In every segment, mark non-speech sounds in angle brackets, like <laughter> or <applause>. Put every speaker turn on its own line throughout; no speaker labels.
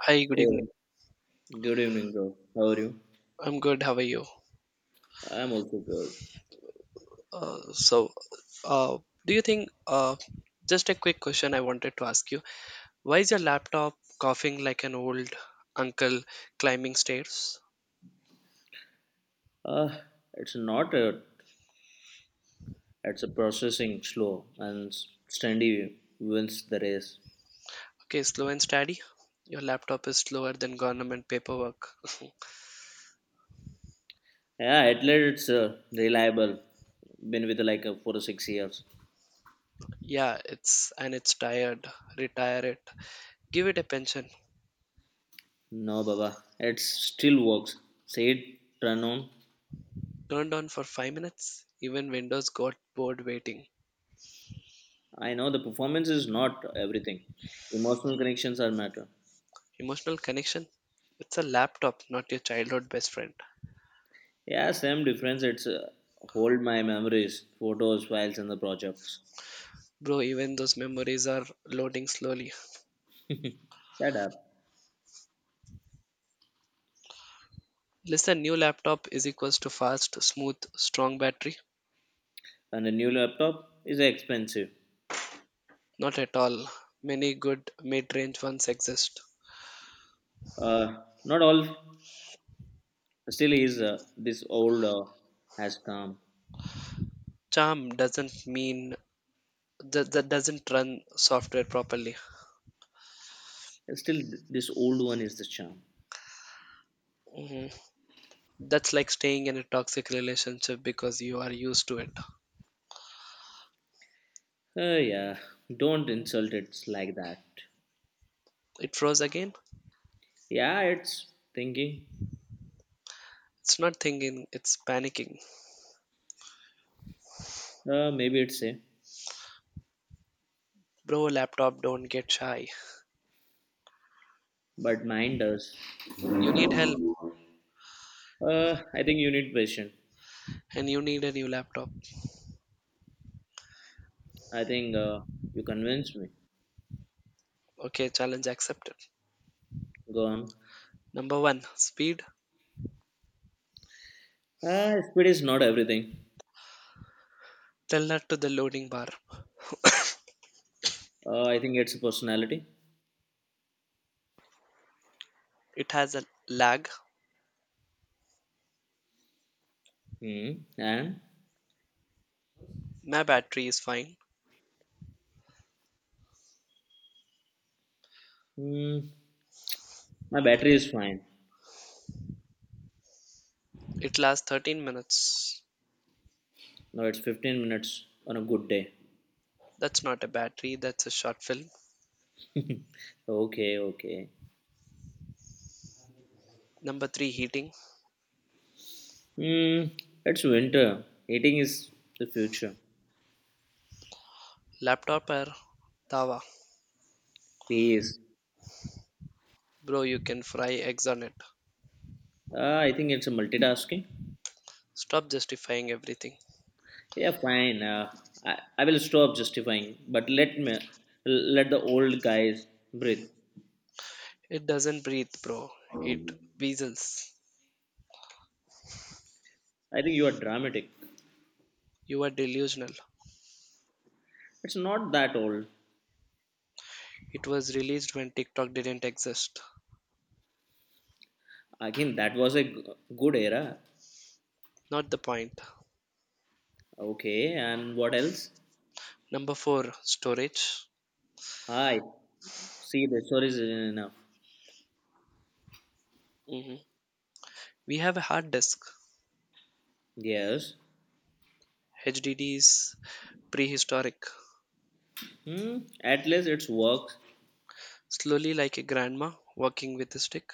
Hi, good evening.
Hey, good evening, bro. How are you?
I'm good. How are you?
I'm also good.
Uh, so, uh, do you think, uh, just a quick question I wanted to ask you. Why is your laptop coughing like an old uncle climbing stairs?
Uh, it's not a, it's a processing slow and Standy wins the race.
Okay, slow and steady. Your laptop is slower than government paperwork. <laughs>
Yeah, at least it's reliable. Been with like 4 or 6 years.
Yeah, it's and it's tired. Retire it. Give it a pension.
No, Baba, it still works. Say it, turn on.
Turned on for 5 minutes. Even Windows got bored waiting.
I know the performance is not everything. Emotional connections are matter.
Emotional connection. It's a laptop, not your childhood best friend.
Yeah, same difference. It's hold my memories, photos, files, and the projects.
Bro, even those memories are loading slowly.
Set up.
Listen, new laptop is equals to fast, smooth, strong battery.
And a new laptop is expensive.
Not at all. Many good mid-range ones exist.
Uh, not all still is this old has come.
Charm doesn't mean that doesn't run software properly.
Still, this old one is the charm.
Mhm. That's like staying in a toxic relationship because you are used to it.
Yeah, don't insult it like that.
It froze again.
Yeah, it's thinking.
It's not thinking, it's panicking.
Uh, maybe it's a,
Bro, laptop, don't get shy.
but mine does.
You need help
I think you need patience.
and you need a new laptop.
I think you convinced me.
Okay, challenge accepted.
Go on.
Number one, speed.
Speed is not everything.
Tell that to the loading bar.
I think it's personality.
It has a lag.
Hmm. And
My battery is fine.
hmm, my battery is fine.
It lasts 13 minutes.
No, it's 15 minutes on a good day.
That's not a battery, that's a short film.
<laughs> okay, okay.
Number 3 heating.
Mm, it's winter. Eating is the future.
Laptop or Tawa.
Please.
Bro, you can fry eggs on it.
I think it's a multitasking.
Stop justifying everything.
Yeah, fine. I will stop justifying, but let me let the old guys breathe.
It doesn't breathe, bro. It weasels.
I think you are dramatic.
You are delusional.
It's not that old.
It was released when TikTok didn't exist.
Again, that was a good era.
Not the point.
Okay, and what else?
Number 4 storage.
I see the story is enough.
Mhm. We have a hard disk.
Yes.
HDD is prehistoric.
Hmm. At least it's work.
Slowly, like a grandma working with a stick.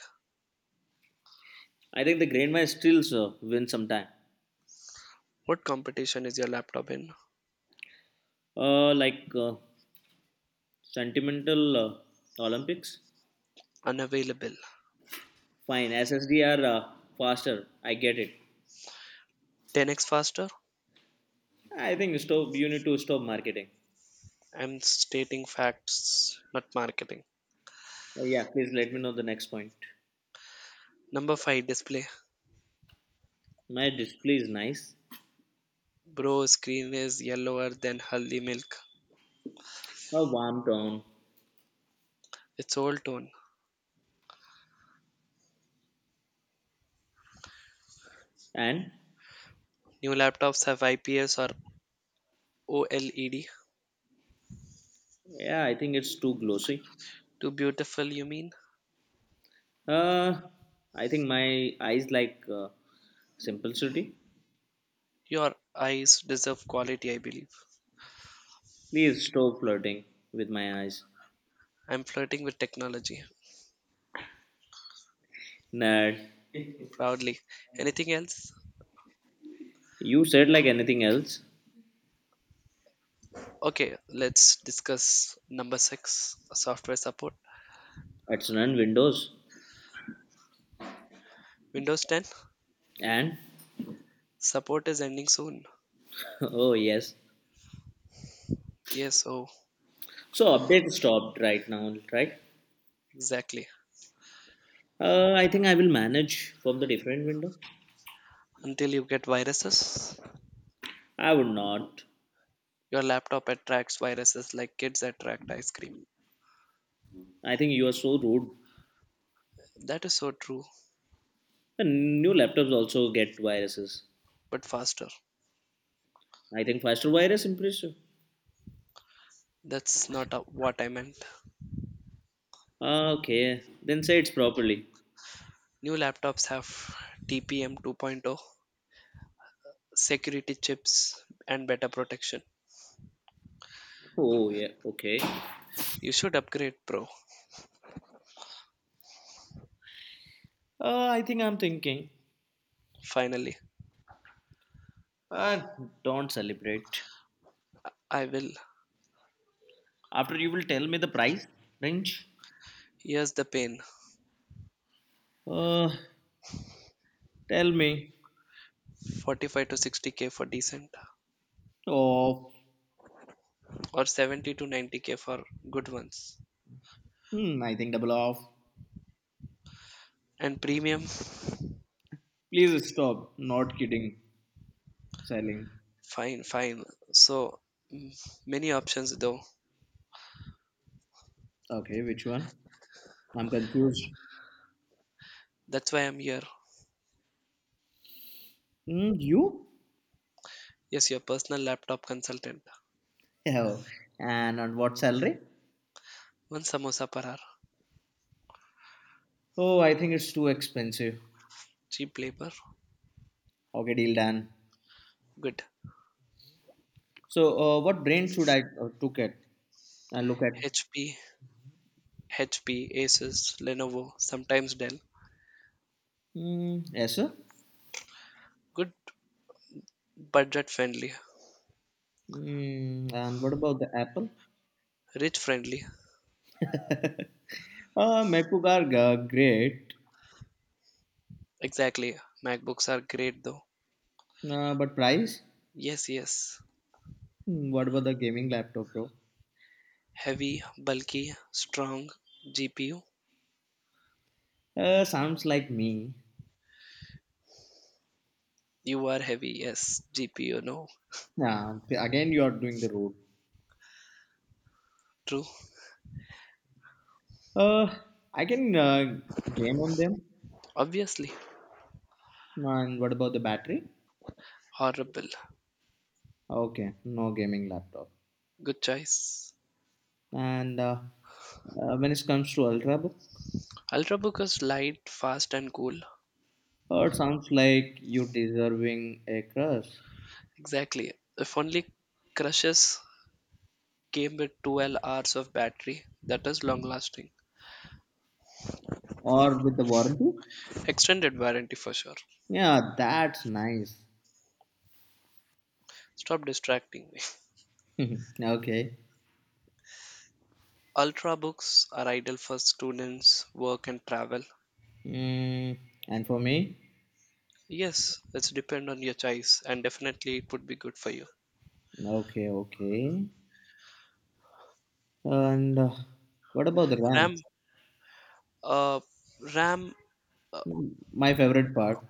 I think the grandma still win sometime.
What competition is your laptop in?
Like sentimental Olympics.
Unavailable.
Fine, SSD are faster. I get it.
10x faster?
I think stop. You need to stop marketing.
I'm stating facts, not marketing.
Yeah, please let me know the next point.
Number 5 display.
My display is nice,
Bro, screen is yellower than haldi milk.
a warm tone,
It's old tone.
and
New laptops have IPS or OLED.
yeah, I think it's too glossy.
Too beautiful, you mean?
Uh, I think my eyes like simplicity.
Your eyes deserve quality, I believe.
Please stop flirting with my eyes.
I'm flirting with technology.
Nerd,
Proudly. Anything else?
you said like anything else.
Okay, let's discuss number six software support.
It's run Windows
Windows 10
and
support is ending soon.
<laughs> oh yes.
Yes, oh,
So update stopped right now, right?
exactly.
I think I will manage from the different window.
Until you get viruses,
I would not.
your laptop attracts viruses like kids attract ice cream.
I think you are so rude.
That is so true,
And new laptops also get viruses.
but faster.
I think faster virus impressive.
That's not what I meant.
Ah, okay, then say it properly.
New laptops have TPM 2.0, security chips, and better protection.
Oh yeah, okay.
You should upgrade, bro.
I think I'm thinking.
Finally,
Uh, don't celebrate.
I will.
After you will tell me the price range.
Here's the pain.
Uh, tell me.
45 to 60K for decent,
Oh,
or 70 to 90K for good ones
hmm, I think double off.
and premium.
Please stop. Not kidding. Selling.
Fine, fine. So many options though.
Okay, which one? I'm confused.
That's why I'm here.
You?
Yes, your personal laptop consultant.
Oh, and on what salary?
One samosa per hour.
Oh, I think it's too expensive.
Cheap labor.
Okay, deal done.
Good.
So, what brand should I look at? Look at.
HP, HP, Asus, Lenovo, sometimes Dell.
Hmm, yes, sir.
Good budget friendly.
And what about the Apple?
Rich friendly.
MacBook are great,
Exactly. MacBooks are great though.
but price?
Yes, yes.
What about the gaming laptop, bro?
Heavy, bulky, strong. GPU.
Sounds like me.
You are heavy, yes. GPU, no.
Yeah. Again, you are doing the road.
True.
Uh, I can game on them.
Obviously.
And what about the battery?
Horrible.
Okay, no gaming laptop.
Good choice.
And when it comes to Ultrabook,
Ultrabook is light, fast, and cool.
it sounds like you're deserving a crush.
Exactly. If only Crushes came with 12 hours of battery, that is long lasting.
Or with the warranty?
Extended warranty for sure.
Yeah, that's nice.
Stop distracting me.
<laughs> okay.
<laughs> Ultrabooks are ideal for students, work, and travel.
Mm, and for me?
Yes, it's depend on your choice, and definitely it would be good for you.
Okay, okay. And what about the RAM?
Ram, uh, Ram, uh,
My favorite part.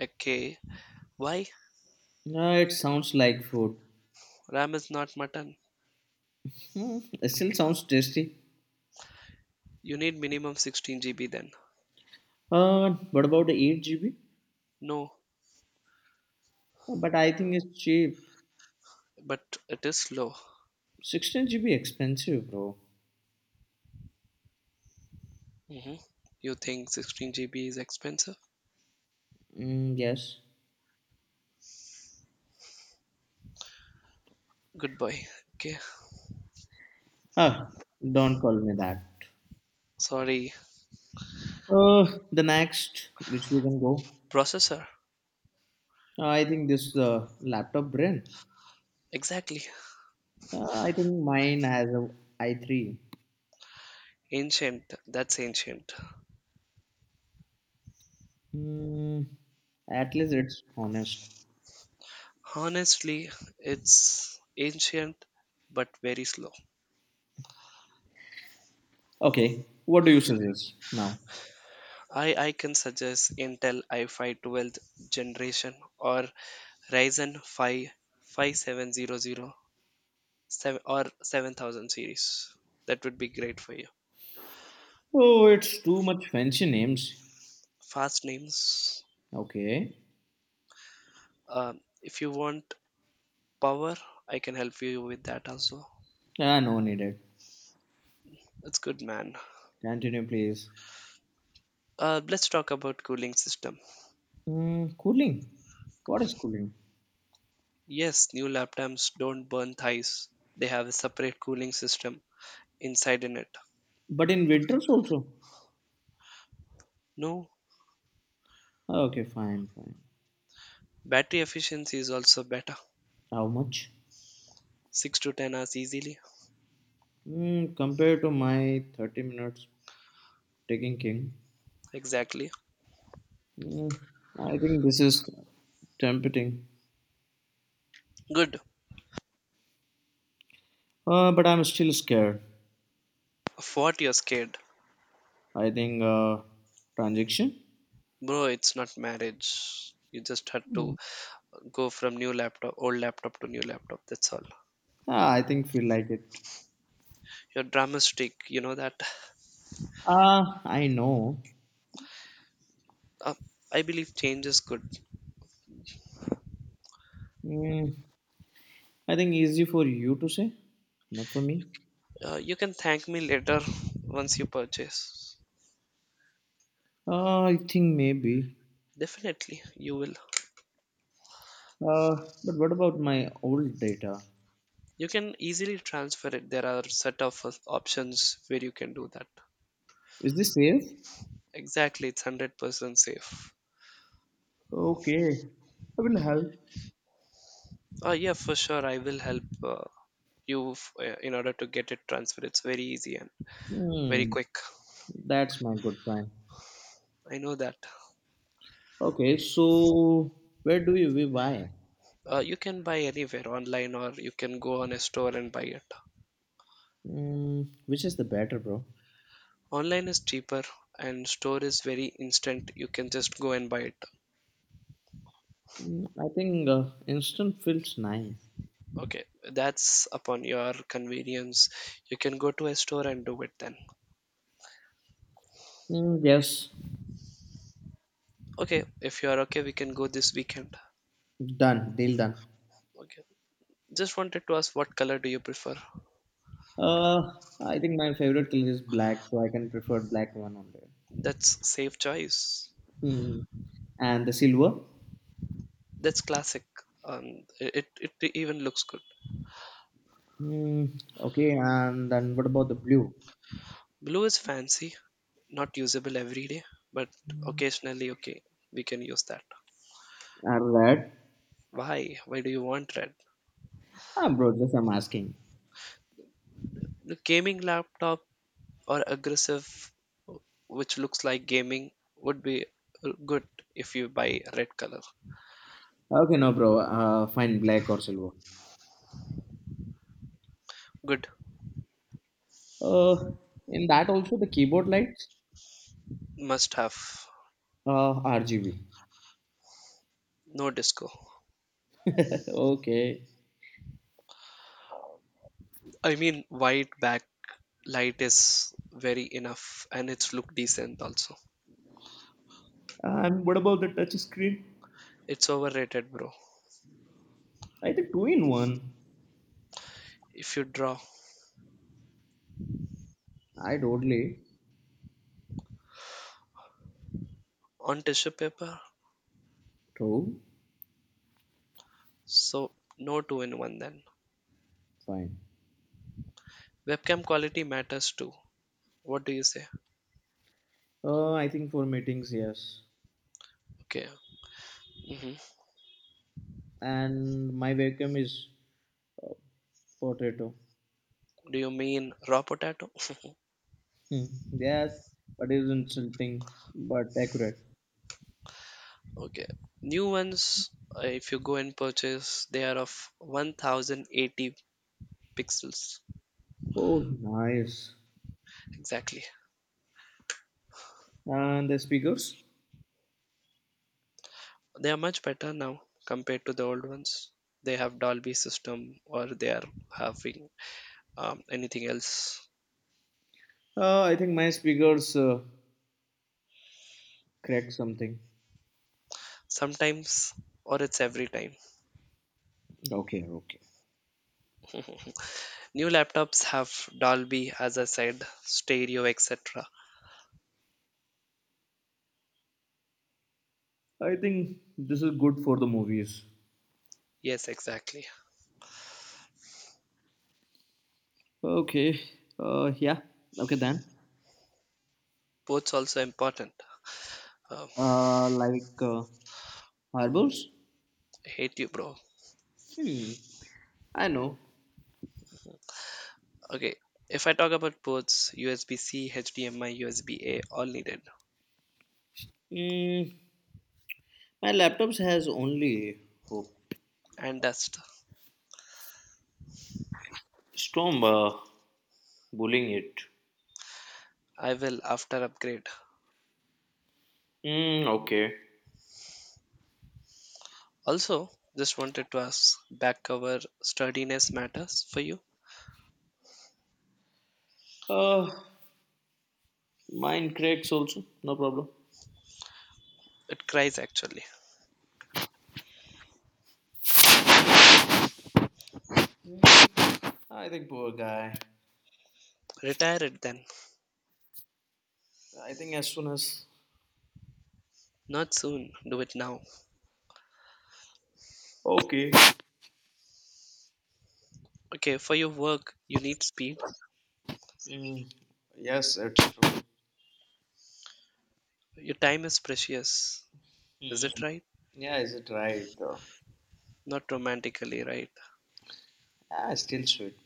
okay. Why?
It sounds like food. <laughs>
Ram is not mutton.
It still sounds tasty.
You need minimum 16 GB then.
What about the 8 GB?
No,
But I think it's cheap.
but it is slow.
16 GB expensive, bro.
Mhm. You think 16 GB is expensive?
Mm, yes.
Good boy. Okay.
Ah, don't call me that.
Sorry.
The next, which we can go.
Processor.
I think this laptop brand.
Exactly.
I think mine has a i3.
Ancient. That's ancient.
Hmm. At least it's honest.
Honestly, it's ancient but very slow.
Okay, what do you suggest now?
I can suggest Intel i5 12th generation or Ryzen 557007 or 7000 series. That would be great for you.
Oh, it's too much fancy names.
Fast names.
Okay.
If you want power, I can help you with that also.
Ah, no needed.
That's good, man.
Continue, please.
Let's talk about cooling system.
Cooling. What is cooling?
Yes, new laptops don't burn thighs. They have a separate cooling system inside in it.
But in winters also.
No,
Okay, fine, fine.
battery efficiency is also better.
How much?
6 to 10 hours easily.
Compared to my 30 minutes taking king,
Exactly.
mm, I think this is tempting.
Good.
But I'm still scared.
Of what you're scared.
I think transaction.
Bro, it's not marriage. You just had to go from new laptop, old laptop to new laptop. That's all.
Ah, I think feel like it.
You're dramatic. You know that.
Ah, I know.
Uh, I believe change is good.
Mm, I think easy for you to say, not for me.
You can thank me later once you purchase.
I think maybe.
Definitely, you will.
Uh, but what about my old data?
You can easily transfer it. There are set of options where you can do that.
Is this safe?
Exactly, it's 100% safe.
Okay, I will help.
Oh, yeah, for sure. I will help you in order to get it transferred. It's very easy and very
Hmm,
quick.
that's my good friend.
I know that.
Okay, so where do you live? Why?
You can buy anywhere online or you can go on a store and buy it.
Which is the better, bro?
Online is cheaper and store is very instant. You can just go and buy it.
I think instant feels nice.
Okay, that's upon your convenience. You can go to a store and do it then.
Hmm, yes,
Okay, if you are okay, we can go this weekend.
done. Deal done.
Okay. Just wanted to ask what color do you prefer?
Uh, I think my favorite color is black, so I can prefer black one only.
That's safe choice.
Hmm. And the silver?
That's classic. Um, it even looks good.
Hmm. Okay, and then what about the blue?
Blue is fancy, not usable every day, but occasionally okay, we can use that.
And red?
Why? Why do you want red?
Ah, bro, just I'm asking.
The gaming laptop or aggressive, which looks like gaming, would be good if you buy red color.
Okay, no, bro. Fine, black or silver.
Good,
Uh, in that also the keyboard lights,
must have.
RGB.
No disco.
<laughs> okay.
I mean, white backlight is very enough and it's look decent also.
And what about the touch screen?
It's overrated, bro.
I think two in one.
If you draw
I totally
on tissue paper,
true.
so no two in one then.
Fine.
Webcam quality matters too. What do you say?
I think for meetings, yes.
Okay. Hmm.
And my webcam is uh, potato.
Do you mean raw potato? <laughs>
Hmm. Yes, but it's insulting, but accurate.
Okay. New ones, if you go and purchase, they are of 1080 pixels.
Oh, nice.
Exactly.
And the speakers?
They are much better now compared to the old ones. They have Dolby system or they are having anything else.
I think my speakers cracked something.
Sometimes or it's every time.
Okay, okay.
New laptops have Dolby, as I said, stereo, etc.
I think this is good for the movies.
Yes, exactly.
Okay. Yeah. Okay then.
Ports also important. Um,
Like harbors.
I hate you, bro.
Hmm. I know.
Okay, if I talk about ports, USB C, HDMI, USB A, all needed,
Mm, my laptop has only hope.
and dust.
Storm bullying it.
I will after upgrade.
Mm, okay.
Also, just wanted to ask back cover sturdiness matters for you?
Uh, mine cracks also. No problem.
It cries actually.
I think poor guy.
Retire it then.
I think as soon as.
Not soon. Do it now.
Okay.
Okay, for your work, you need speed.
Mm, yes, it's true.
Your time is precious. Is it
Mm,
right?
yeah, is it right?
Not romantically, right?
Ah, still sweet.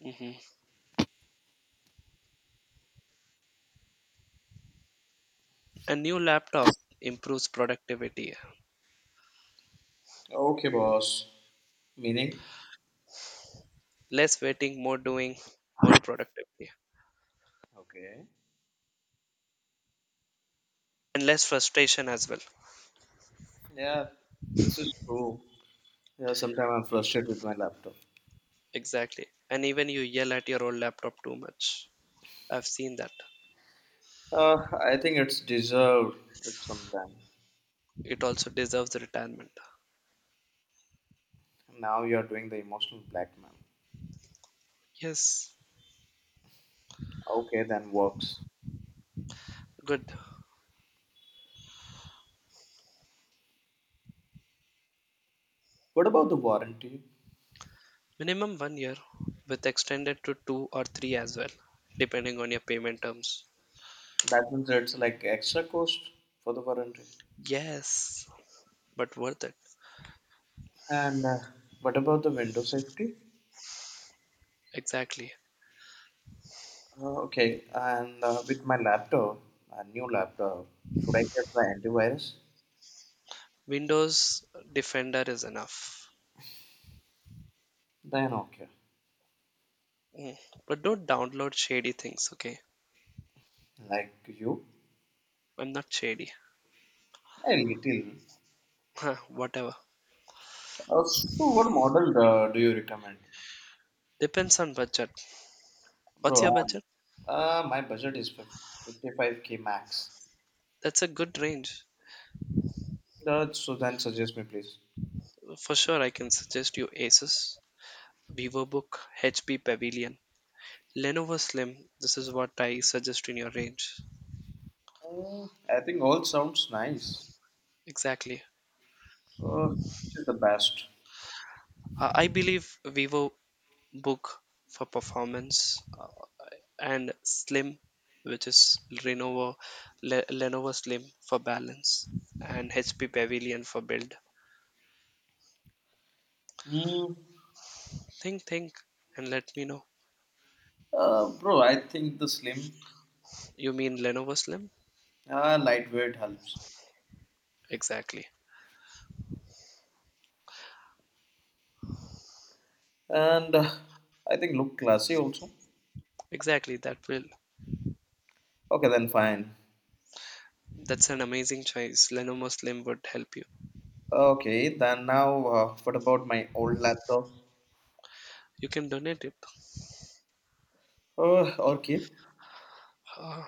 Hmm. A new laptop improves productivity.
Okay, boss. Meaning?
Less waiting, more doing, more productivity.
Okay.
And less frustration as well.
Yeah, this is true. Yeah, sometimes I'm
Y-
frustrated with my laptop.
Exactly. And even you yell at your old laptop too much. I've seen that.
I think it's deserved it sometime.
It also deserves retirement.
Now you're doing the emotional blackmail.
Yes.
Okay, then works.
Good.
What about the warranty?
Minimum 1 year, with extended to two or three as well, depending on your payment terms.
That means it's like extra cost for the warranty.
Yes, but worth it.
And what about the window safety?
Exactly.
Okay, and with my laptop, a new laptop, should I get the antivirus?
Windows Defender is enough.
Then okay.
Mm. But don't download shady things, okay?
Like you?
I'm not shady.
A little.
<laughs> Whatever.
So, what model do you recommend?
Depends on budget. What's
Bro,
your budget?
my budget is 55k max.
That's a good range.
So, then suggest me, please.
For sure, I can suggest you Asus, VivoBook, HP Pavilion, Lenovo Slim. This is what I suggest in your range.
I think all sounds nice.
Exactly.
Uh, which is the best?
I believe Vivo Book for performance and Slim, which is Lenovo Slim for balance and HP Pavilion for build.
Mm,
Think, and let me know.
bro, I think the slim,
You mean Lenovo Slim?
lightweight helps.
Exactly.
And I think look classy also.
Exactly, that will.
Okay, then fine.
That's an amazing choice. Lenovo Slim would help you.
Okay, then now what about my old laptop?
You can donate it.
Oh, okay.
Uh,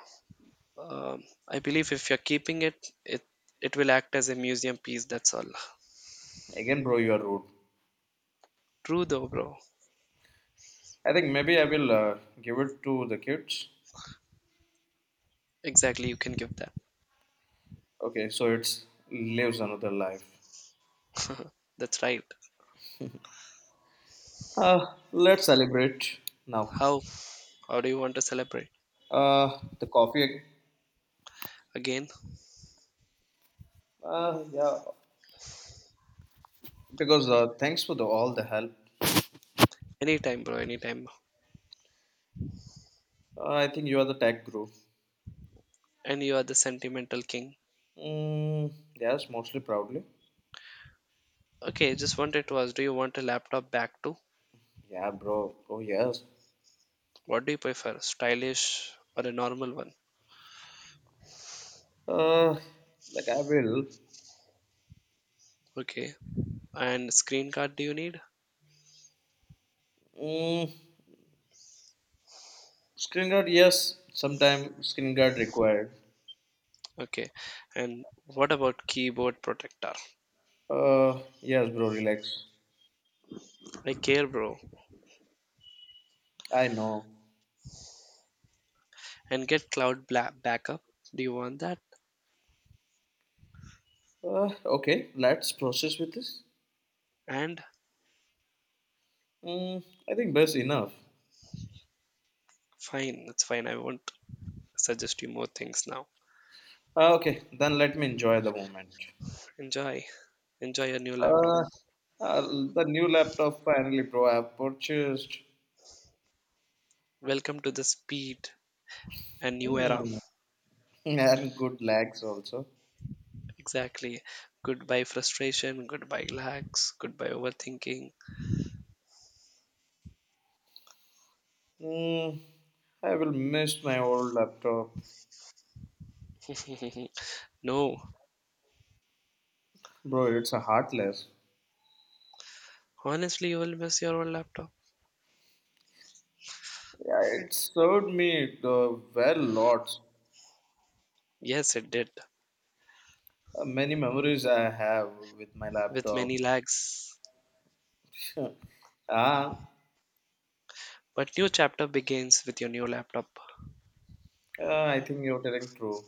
I believe if you're keeping it, it will act as a museum piece. That's all.
Again, bro, you are rude.
True though, bro.
I think maybe I will give it to the kids.
Exactly, you can give that.
Okay, so it's lives another life.
That's right.
Uh, let's celebrate now.
How? How do you want to celebrate?
The coffee.
Again?
Yeah, because thanks for the all the help.
Anytime, bro, anytime.
I think you are the tech guru.
And you are the sentimental king.
Mm, yes, mostly proudly.
Okay, just wanted to ask, do you want a laptop back too?
Yeah, bro. Oh yes.
What do you prefer? Stylish or a normal one?
Uh, like I will.
Okay. And screen card do you need?
Mm, screen guard. Yes, sometime screen guard required.
Okay. And what about keyboard protector?
Yes, bro. Relax.
I care, bro.
I know.
And get cloud backup. Do you want that?
Okay, let's process with this.
And
Mm, I think that's enough.
fine, it's fine. I won't suggest you more things now.
Okay, then let me enjoy the moment.
Enjoy. Enjoy your new laptop.
Uh, uh, the new laptop finally pro I have purchased.
Welcome to the speed and new era.
Hmm. <laughs> and good lags also.
Exactly. Goodbye frustration, goodbye lags, goodbye overthinking.
Mm, I will miss my old laptop.
<laughs> No,
Bro, it's a heartless.
honestly, you will miss your old laptop.
Yeah, it served me well lots.
Yes, it did,
Many memories I have with my
with
laptop.
many lags.
<laughs> ah,
But new chapter begins with your new laptop.
I think you're telling true.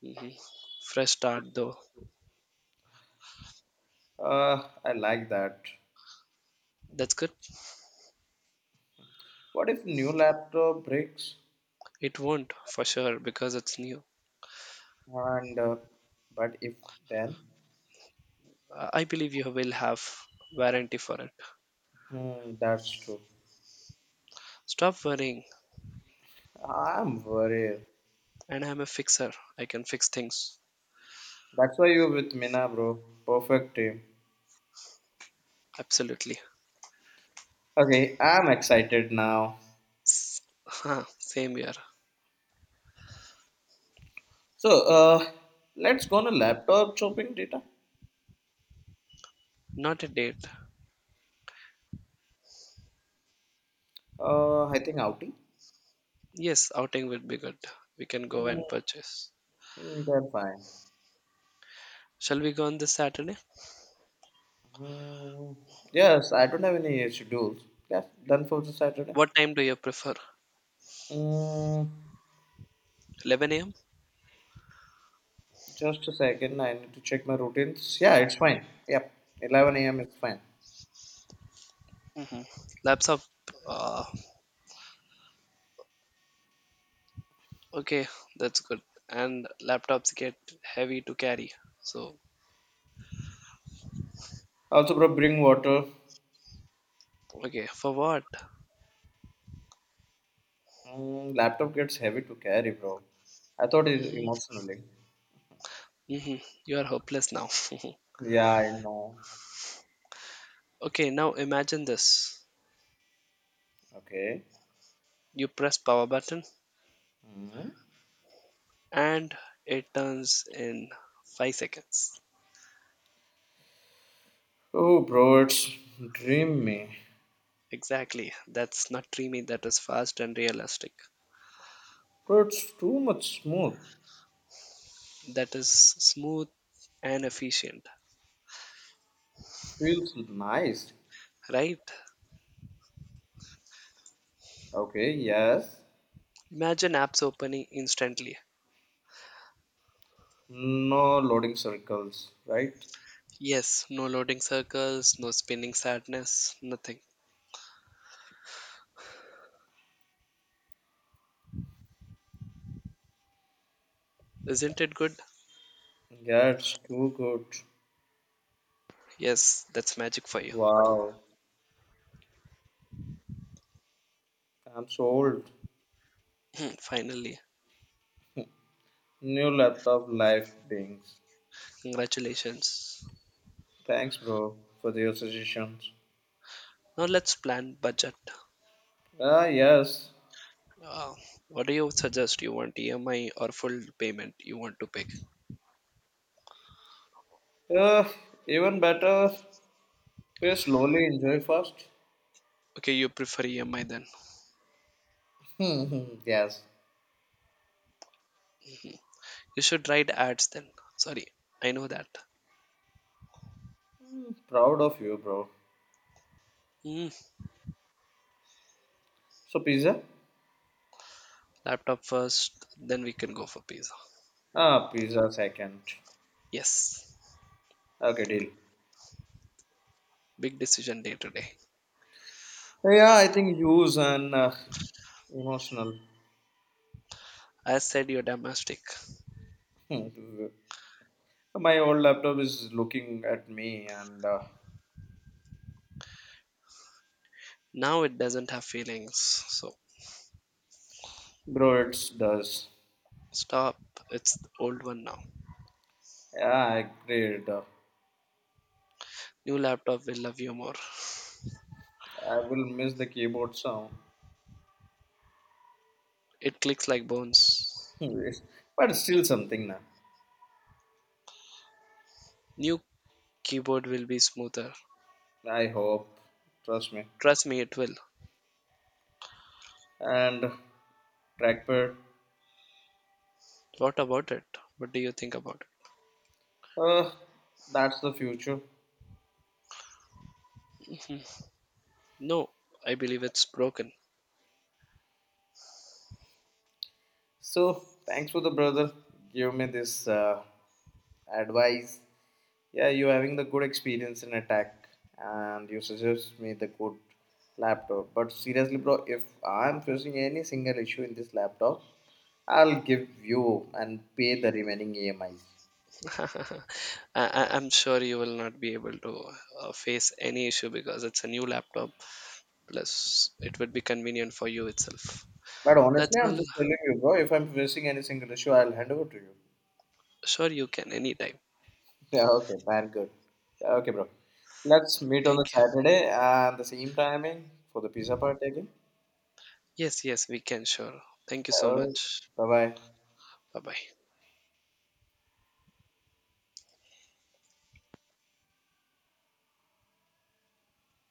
Hmm. Fresh start, though.
I like that.
That's good.
What if new laptop breaks?
It won't, for sure, because it's new.
And but if then,
I believe you will have warranty for it.
that's true.
Stop worrying,
I'm worried.
and I'm a fixer. I can fix things.
That's why you with Mina, bro. Perfect team.
Absolutely.
Okay, I'm excited now.
S- Same year.
So, let's go on a laptop shopping data.
Not a date.
I think Audi.
Yes, outing will be good. We can go
Mm,
and purchase.
they're fine.
Shall we go on this Saturday?
Mm, yes, I don't have any schedules. Yes, done for the Saturday.
What time do you prefer?
Mm,
11 a.m.
Just a second, I need to check my routines. Yeah, it's fine. Yep, 11 a.m. is fine.
Hmm. Laptop. Uh, okay, that's good. And laptops get heavy to carry. So,
Also, bro, bring water.
okay, for what?
Laptop gets heavy to carry, bro. I thought it emotionally.
Hmm. You are hopeless now.
Yeah, I know.
<laughs> Okay, now imagine this.
Okay.
You press power button and it turns in 5 seconds.
Oh, bro, it's dreamy.
Exactly. That's not dreamy. That is fast and realistic.
Bro, it's too much smooth.
That is smooth and efficient,
Feels nice.
right?
Okay, yes.
Imagine apps opening instantly.
No loading circles, right?
Yes, no loading circles, no spinning sadness, nothing. Isn't it good?
Yeah, it's too good.
Yes, that's magic for you.
Wow, I'm sold.
<clears throat> Finally,
New laptop life things.
congratulations.
Thanks, bro, for your suggestions.
Now let's plan budget.
Ah, yes.
Uh, what do you suggest? You want EMI or full payment? You want to pick?
Uh, even better, pay slowly, enjoy first.
Okay, you prefer EMI then.
Mhm, yes.
You should write ads then. Sorry, I know that.
Proud of you, bro.
Hmm.
So, pizza?
Laptop first, then we can go for pizza.
Ah, pizza second.
Yes,
Okay, deal.
big decision day to day.
Yeah, I think use and emotional.
I said you're domestic.
Hmm. My old laptop is looking at me and,
Now it doesn't have feelings. So
bro, it does.
stop. It's the old one now.
Yeah, I agreed. I
New laptop will love you more.
will miss the keyboard sound.
It clicks like bones.
Hmm, but it's still something now.
New keyboard will be smoother.
I hope, trust me.
Trust me, it will.
And trackpad,
What about it? What do you think about it?
uh, that's the future.
No, I believe it's broken.
So thanks for the brother. Give me this advice. Yeah, you're having the good experience in attack, and you suggest me the good laptop. But seriously, bro, if I'm facing any single issue in this laptop, I'll give you and pay the remaining EMIs.
<laughs> I, I'm sure you will not be able to face any issue because it's a new laptop. Plus, it would be convenient for you itself.
But
That's
honestly, I'm
all.
just telling you, bro, if I'm facing any single issue, I'll hand over to you.
Sure, you can anytime.
Yeah, okay, man, good. Yeah, okay, bro. Let's meet on the
Thank you.
Saturday and the same timing for the pizza part again.
Yes, yes, we can, sure. Thank you so
Yeah,
much.
bye bye.
Bye bye.